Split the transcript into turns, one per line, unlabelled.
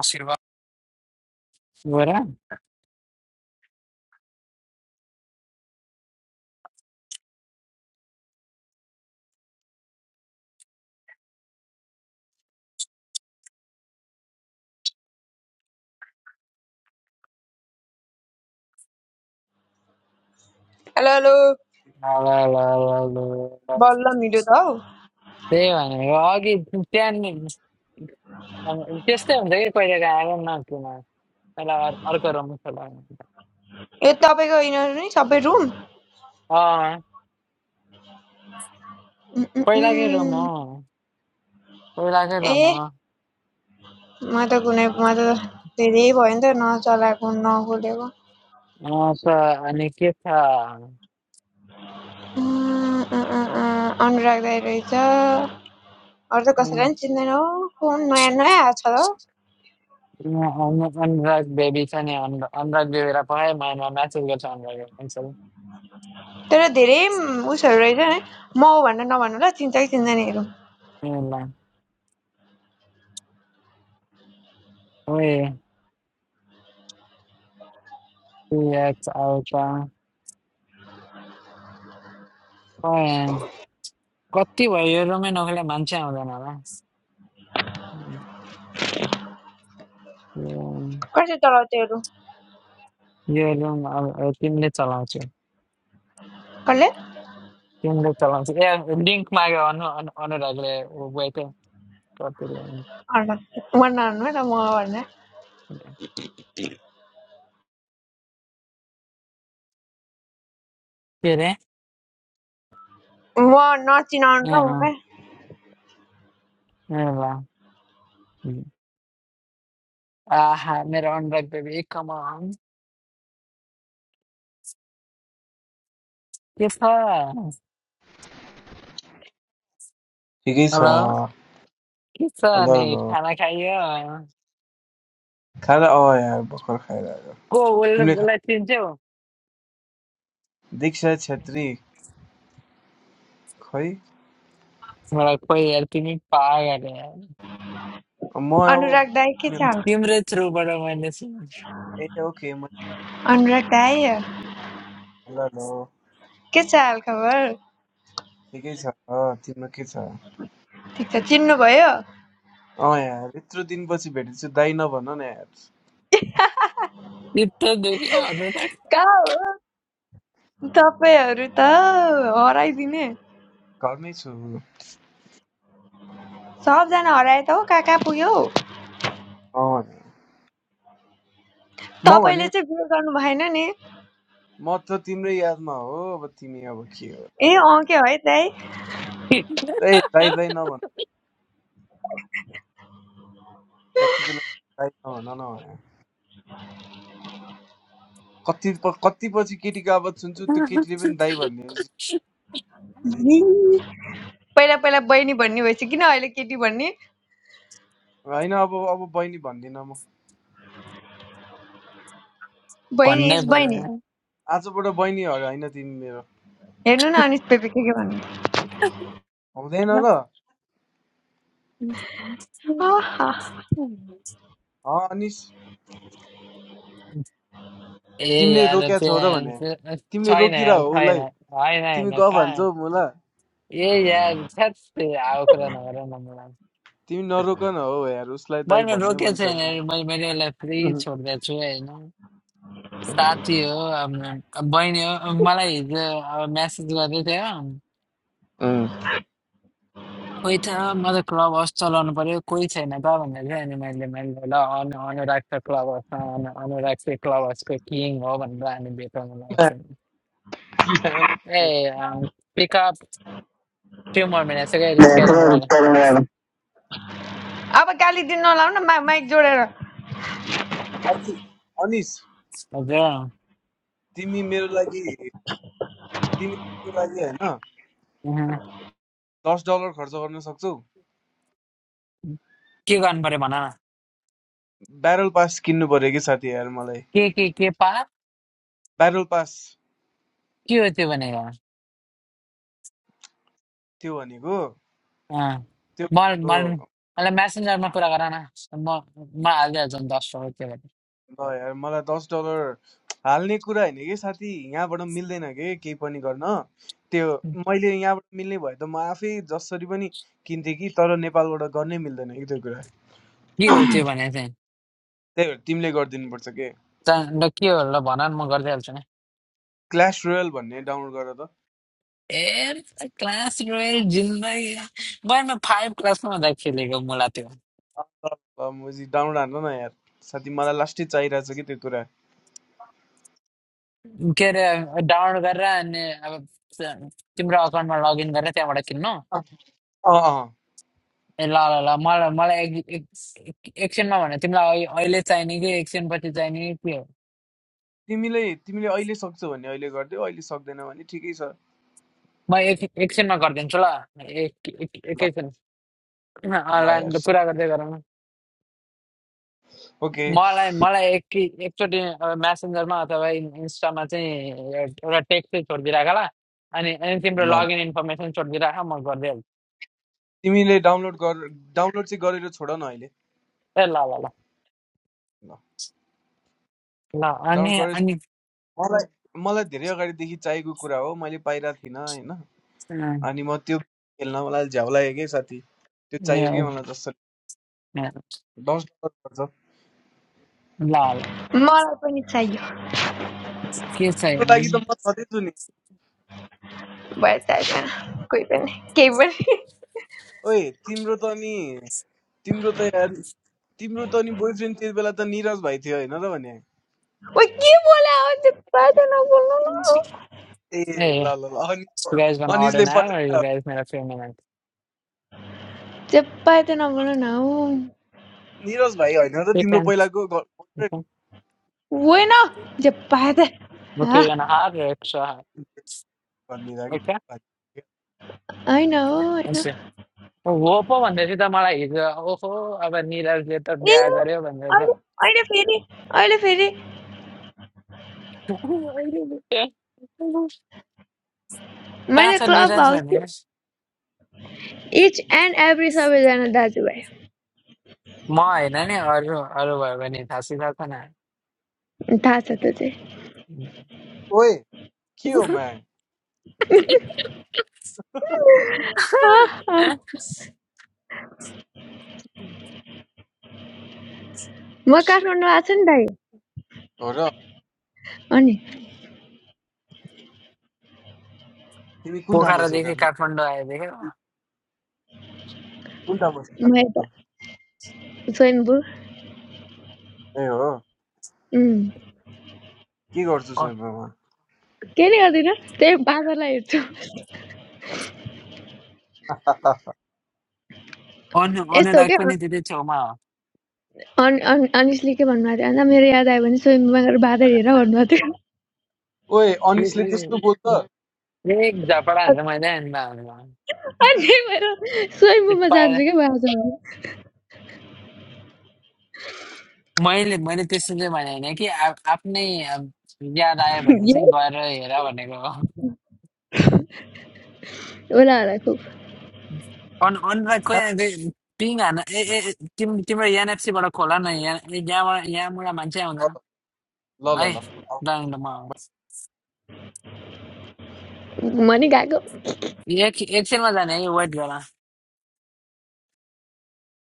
आशीर्वाद गएर ल
हेलो हेलो
ल ल ल ल।
बल्ल मिल्यो त हौ
त्यही भनेको अघि बिहान अब त्यस्तै हुन्छ कि पहिलाको आएर नाच्नुमा पहिला अर- अर्को रुम खोला
यो तपाईँको यिनीहरू नि सबै रुम उम्,
अँ
उम्,
पहिलाकै रुम हो
उम्।
पहिलाकै
ए
रुम हो
म त कुनै म त धेरै भयो नि त नचलाएको नखोलेको
अँ, त अनि के छ
उम्, उम्, उम्, उम्। अनुराग दाइ रहेछ अरू त कसैलाई नि चिन्दैन हौ फोन नयाँ नयाँ आएको छ त हौ।
उम्, अन- अनुराग बेबी छ नि अनु- अनुराग बेबीलाई पठाएँ मामा म्यासेज गर्छ अनुराग एक्चुअल
तर धेरै म- उसहरू रहेछ नि म हो भनेर नभन्नु ल चिन्छ कि चिन्दैनहरू
ओए टु एक्स आउँछ ओए, कति भयो यो रुमै नखोले मान्छे आउँदैन होला यो
कसले चलाउँथ्योहरू
रुम अब अब तिमीले चलाउँछौ
कसले
तिमीले चलाउँछौ ए लिङ्क माग्यो अनु अनु- अनुरागले ऊ गएको कति भयो?
अर्न म नहुनु ल म हो भनेर
के अरे
म नचिनाउनु
ए
ल
अँ
मलाई
ए ल आहा मेरो अनुराग बेबी कमान के छ
ठिकै छ
हेलो के छ
हलो हलो
खाना खाइयो
कहाँ अँ यार भर्खर खाएर आएको।
को उसले
तिमीले खा
उसलाई चिन्छौ
दीक्षा छेत्री खै
मलाई खोइ यार तिमी पागल यार
म अब
अनुराग दाई के
नि-
छ हाल?
तिम्रै थ्रुबाट मैले सुने
ए ओके म
अनुराग दाइ
ल ल
के छ हालखबर
ठिकै छ अँ, तिम्रो के छ अँ
ठिक छ चिन्नुभयो
यार यत्रो दिनपछि भेटेछु दाइ नभन न यार
चित्त दुख्यो अनुराग
कहाँ हो तपाईँहरू त हराइदिने
घरमै छु अँ
सबजना हराए त हौ कहाँ कहाँ पुग्यो हौ
यार। म
तपाईँले
भने
चाहिँ बिहे गर्नु भएन नि
म त तिम्रै यादमा हो अब तिमी अब के हो
ए
तपाईँमा
अँ के है दाइ
ए दाइ दाइ नभन जति बेला दाइ नभन न यार। कति प- कति पछि केटीको आवाज सुन्छु त्यो केटीले पनि दाइ भनिदिएपछि
जी। पहिला पहिला बहिनी भन्ने भएपछि किन अहिले केटी भन्ने
होइन अब अब बहिनी भन्दिनँ म
बहिनी
भन्नै
इज बहिनी
पर्यो
आजबाट बहिनी हग होइन तिमी मेरो
हेर्नु न अनिस पेपी के के भन्नु
हुँदैन र
आहा।
अँ अनिस
ए
तिमीले
यार
रोक्या छौ र
प्यान
भने तिमीले
छैन
रोकिरह
यार
हो
छैन
उसलाई
होइन
तिमी
होइन
ग भन्छौ
कहाँ
मलाई
ए यार छ्याट आएको कुरा नगर न मलाई
तिमी नरोक न हो यार उसलाई दाइ
मैले
भन्ने
रोकेको
मन
छैन
छैन
यार, मैले मैले उसलाई फ्री
उम्,
छोडिदिएको छु होइन
उम्,
साथी हो अब अब बहिनी हो अब मलाई हिजो अब म्यासेज गर्दै थियो
उम्।
कोही छ म त क्लब हाउस चलाउनु पर्यो कोही छैन त भनेर चाहिँ अनि मैले मैले ल अनु अनुराग छ क्लब हाउसमा अनु अनुराग चाहिँ क्लब हाउसको किङ हो भनेर हामी भेटाउनु लागेको Hey, um, pick up few more minutes. Okay, it's getting ready.
अब गाली दिन नलाउनु न, मा माइक जोडेर
साथी, अनिस
Okay.
तिमी मेरो लागि तिमी मेरो लागि होइन
अँ,
दस डलर खर्च गर्न सक्छौ
के गर्नु पर्यो भन न
ब्यारल पास किन्नु पर्यो कि साथी यार मलाई
के के के पा
ब्यारल पास
के हो त्यो भनेको
त्यो भनेको
अँ, म
त्यो
म मलाई म्यासेन्जरमा कुरा गर न म म हालिदिइहाल्छु नि दस सौ के भन्ने
ल यार मलाई दस डलर हाल्ने कुरा होइन कि साथी यहाँबाट मिल्दैन के केही पनि गर्न त्यो मैले यहाँबाट मिल्ने भए त म आफै जसरी पनि किन्थेँ कि तर नेपालबाट गर्नै मिल्दैन कि त्यो कुरा
के हो त्यो भने चाहिँ
त्यही भएर तिमीले गरिदिनुपर्छ के
त- ल के हो ल भन न म गरिदिइहाल्छु नि
क्ल्यास रोयल भन्ने डाउनलोड गर त
ए क्लास रोयल जिन्दगी बहिनी म फाइभ क्लासमा हुँदा खेलेको मुला त्यो
अँ, ल ल, मुजी डाउनलोड हाल्न न यार साथी मलाई लास्टै चाहिरहेको छ कि त्यो कुरा
के अरे डाउनलोड गरेर अनि अब तिम्रो अकाउन्टमा लगइन गरेर त्यहाँबाट किन्नु
अँ अँ अँ।
ए ल ल ल मलाई मलाई एक एक- एक- एकछिनमा भने तिमीलाई अहि- अहिले चाहिने कि एकछिन पछि चाहिने कि के हो
तिमीले तिमीले अहिले सक्छौ भने अहिले गरिदेऊ अहिले सक्दैन भने ठिकै छ
म एक एकछिनमा गरिदिन्छु ल एक एक-
ल
एकैछिन
ल
अनलाइन
यार
कुरा गर्दै गरौँ
ओके
मलाई मलाई एक एकचोटि म्यासेन्जरमा अथवा इन- इन्स्टामा चाहिँ एउटा एउटा टेक्स्ट चाहिँ छोडिदिइराख ल अनि अनि तिम्रो
ल ल।
लगइन इन्फर्मेसन छोडिदिइराख म गरिदिइहाल्छु
तिमीले डाउनलोड गर डाउनलोड चाहिँ गरेर छोड न अहिले
ए ल ल ल
ल
ल अनि
डाउनलोड गरेँ
अनि
मलाई मलाई धेरै अगाडिदेखि चाहिएको कुरा हो मैले पाइरहेको थिइनँ होइन
अँ,
अनि म त्यो खेल्न मलाई झ्याउ लाग्यो कि साथी त्यो चाहियो कि मलाई
ए,
जस्तो दस डलर पर्छ
ल ल
मलाई पनि चाहियो
के
तिम्रो लागि
चाहियो
त म सधैँ नि
भयो चाहिँदैन कोही पनि केही पनि
ओए तिम्रो त नि तिम्रो त यार तिम्रो त नि बोयफ्रेन्ड त्यति बेला त निरज भाइ थियो होइन र भने
Uy, ¿qué bola? Despárate, no, no, no.
ए
Hey,
ल ल ल अनि
so you guys gonna order
अनिजले
now or you
पठाएर
guys need a few minutes?
Despárate, no, no, no.
Niraj भाइ होइन र
You
तिम्रो
can.
पहिलाको
Okay,
girlfriend
Bueno, despárate.
okay,
Ah,
you're gonna have your extra hot.
भनिदिँदा
Okay,
के
I know, I know.
thank वो पो भन्दै थियो त मलाई हिजो ओहो अब निरजले त बिहा गर्यो भनेर चाहिँ।
अहिले फेरि अहिले फेरि
कहाँ
मैले
छ
क्लब
निरज
हाउस
भन्ने
इच एन्ड एभ्री सबैजना दाजुभाइ
म होइन नि अरू अरू भयो भने थाहा सिधा छ न
थाहा छ त्यो चाहिँ
ओए के हो मा
आह, आह। म काठमाडौँ आएको छु नि दाइ
हो र
अनि
तिमी कुन ठाउँमा छौ
पोखरादेखि
काठमाडौँ
काठमाडौँ आयो देख्यो
कुन ठाउँमा छौ
म यता स्वयम्भू
ए हो
उम्,
के गर्छु शोइबमा
के नै गर्दिनँ त्यही बाँदरलाई हेर्छु
अनु
यस्तो हो
अनुराग
क्या
पनि त्यति छेउमा हो
अन अन अनिसले के भन्नुभएको थियो भन्दा मेरो याद आयो भने स्वयम्भूमा गएर बादल हेर भन्नुभएको थियो
ओए अनिसले त्यस्तो बोल्छ
एक झपडा
अ-
हान्छ मैले आमा आमा।
अनि त्यही भएर
त्यो
स्वयम्भूमा जान्छु क्या म आज
मैले मैले त्यस्तो चाहिँ भने होइन कि आ- आफ्नै अब, याद आयो भने चाहिँ
उसलाई
गएर हेर भनेको हो
होला
अनु अनुराग खोइ
साँच्चै?
पिङ हान ए ए ए, तिम तिम्रो एनएफसीबाट खोला न यहाँ यहाँबाट यहाँबाट मान्छे आउँदैन
ल
है
ल ल
ल म
खुब म गएको
एक एकछिनमा जाने है वेट गर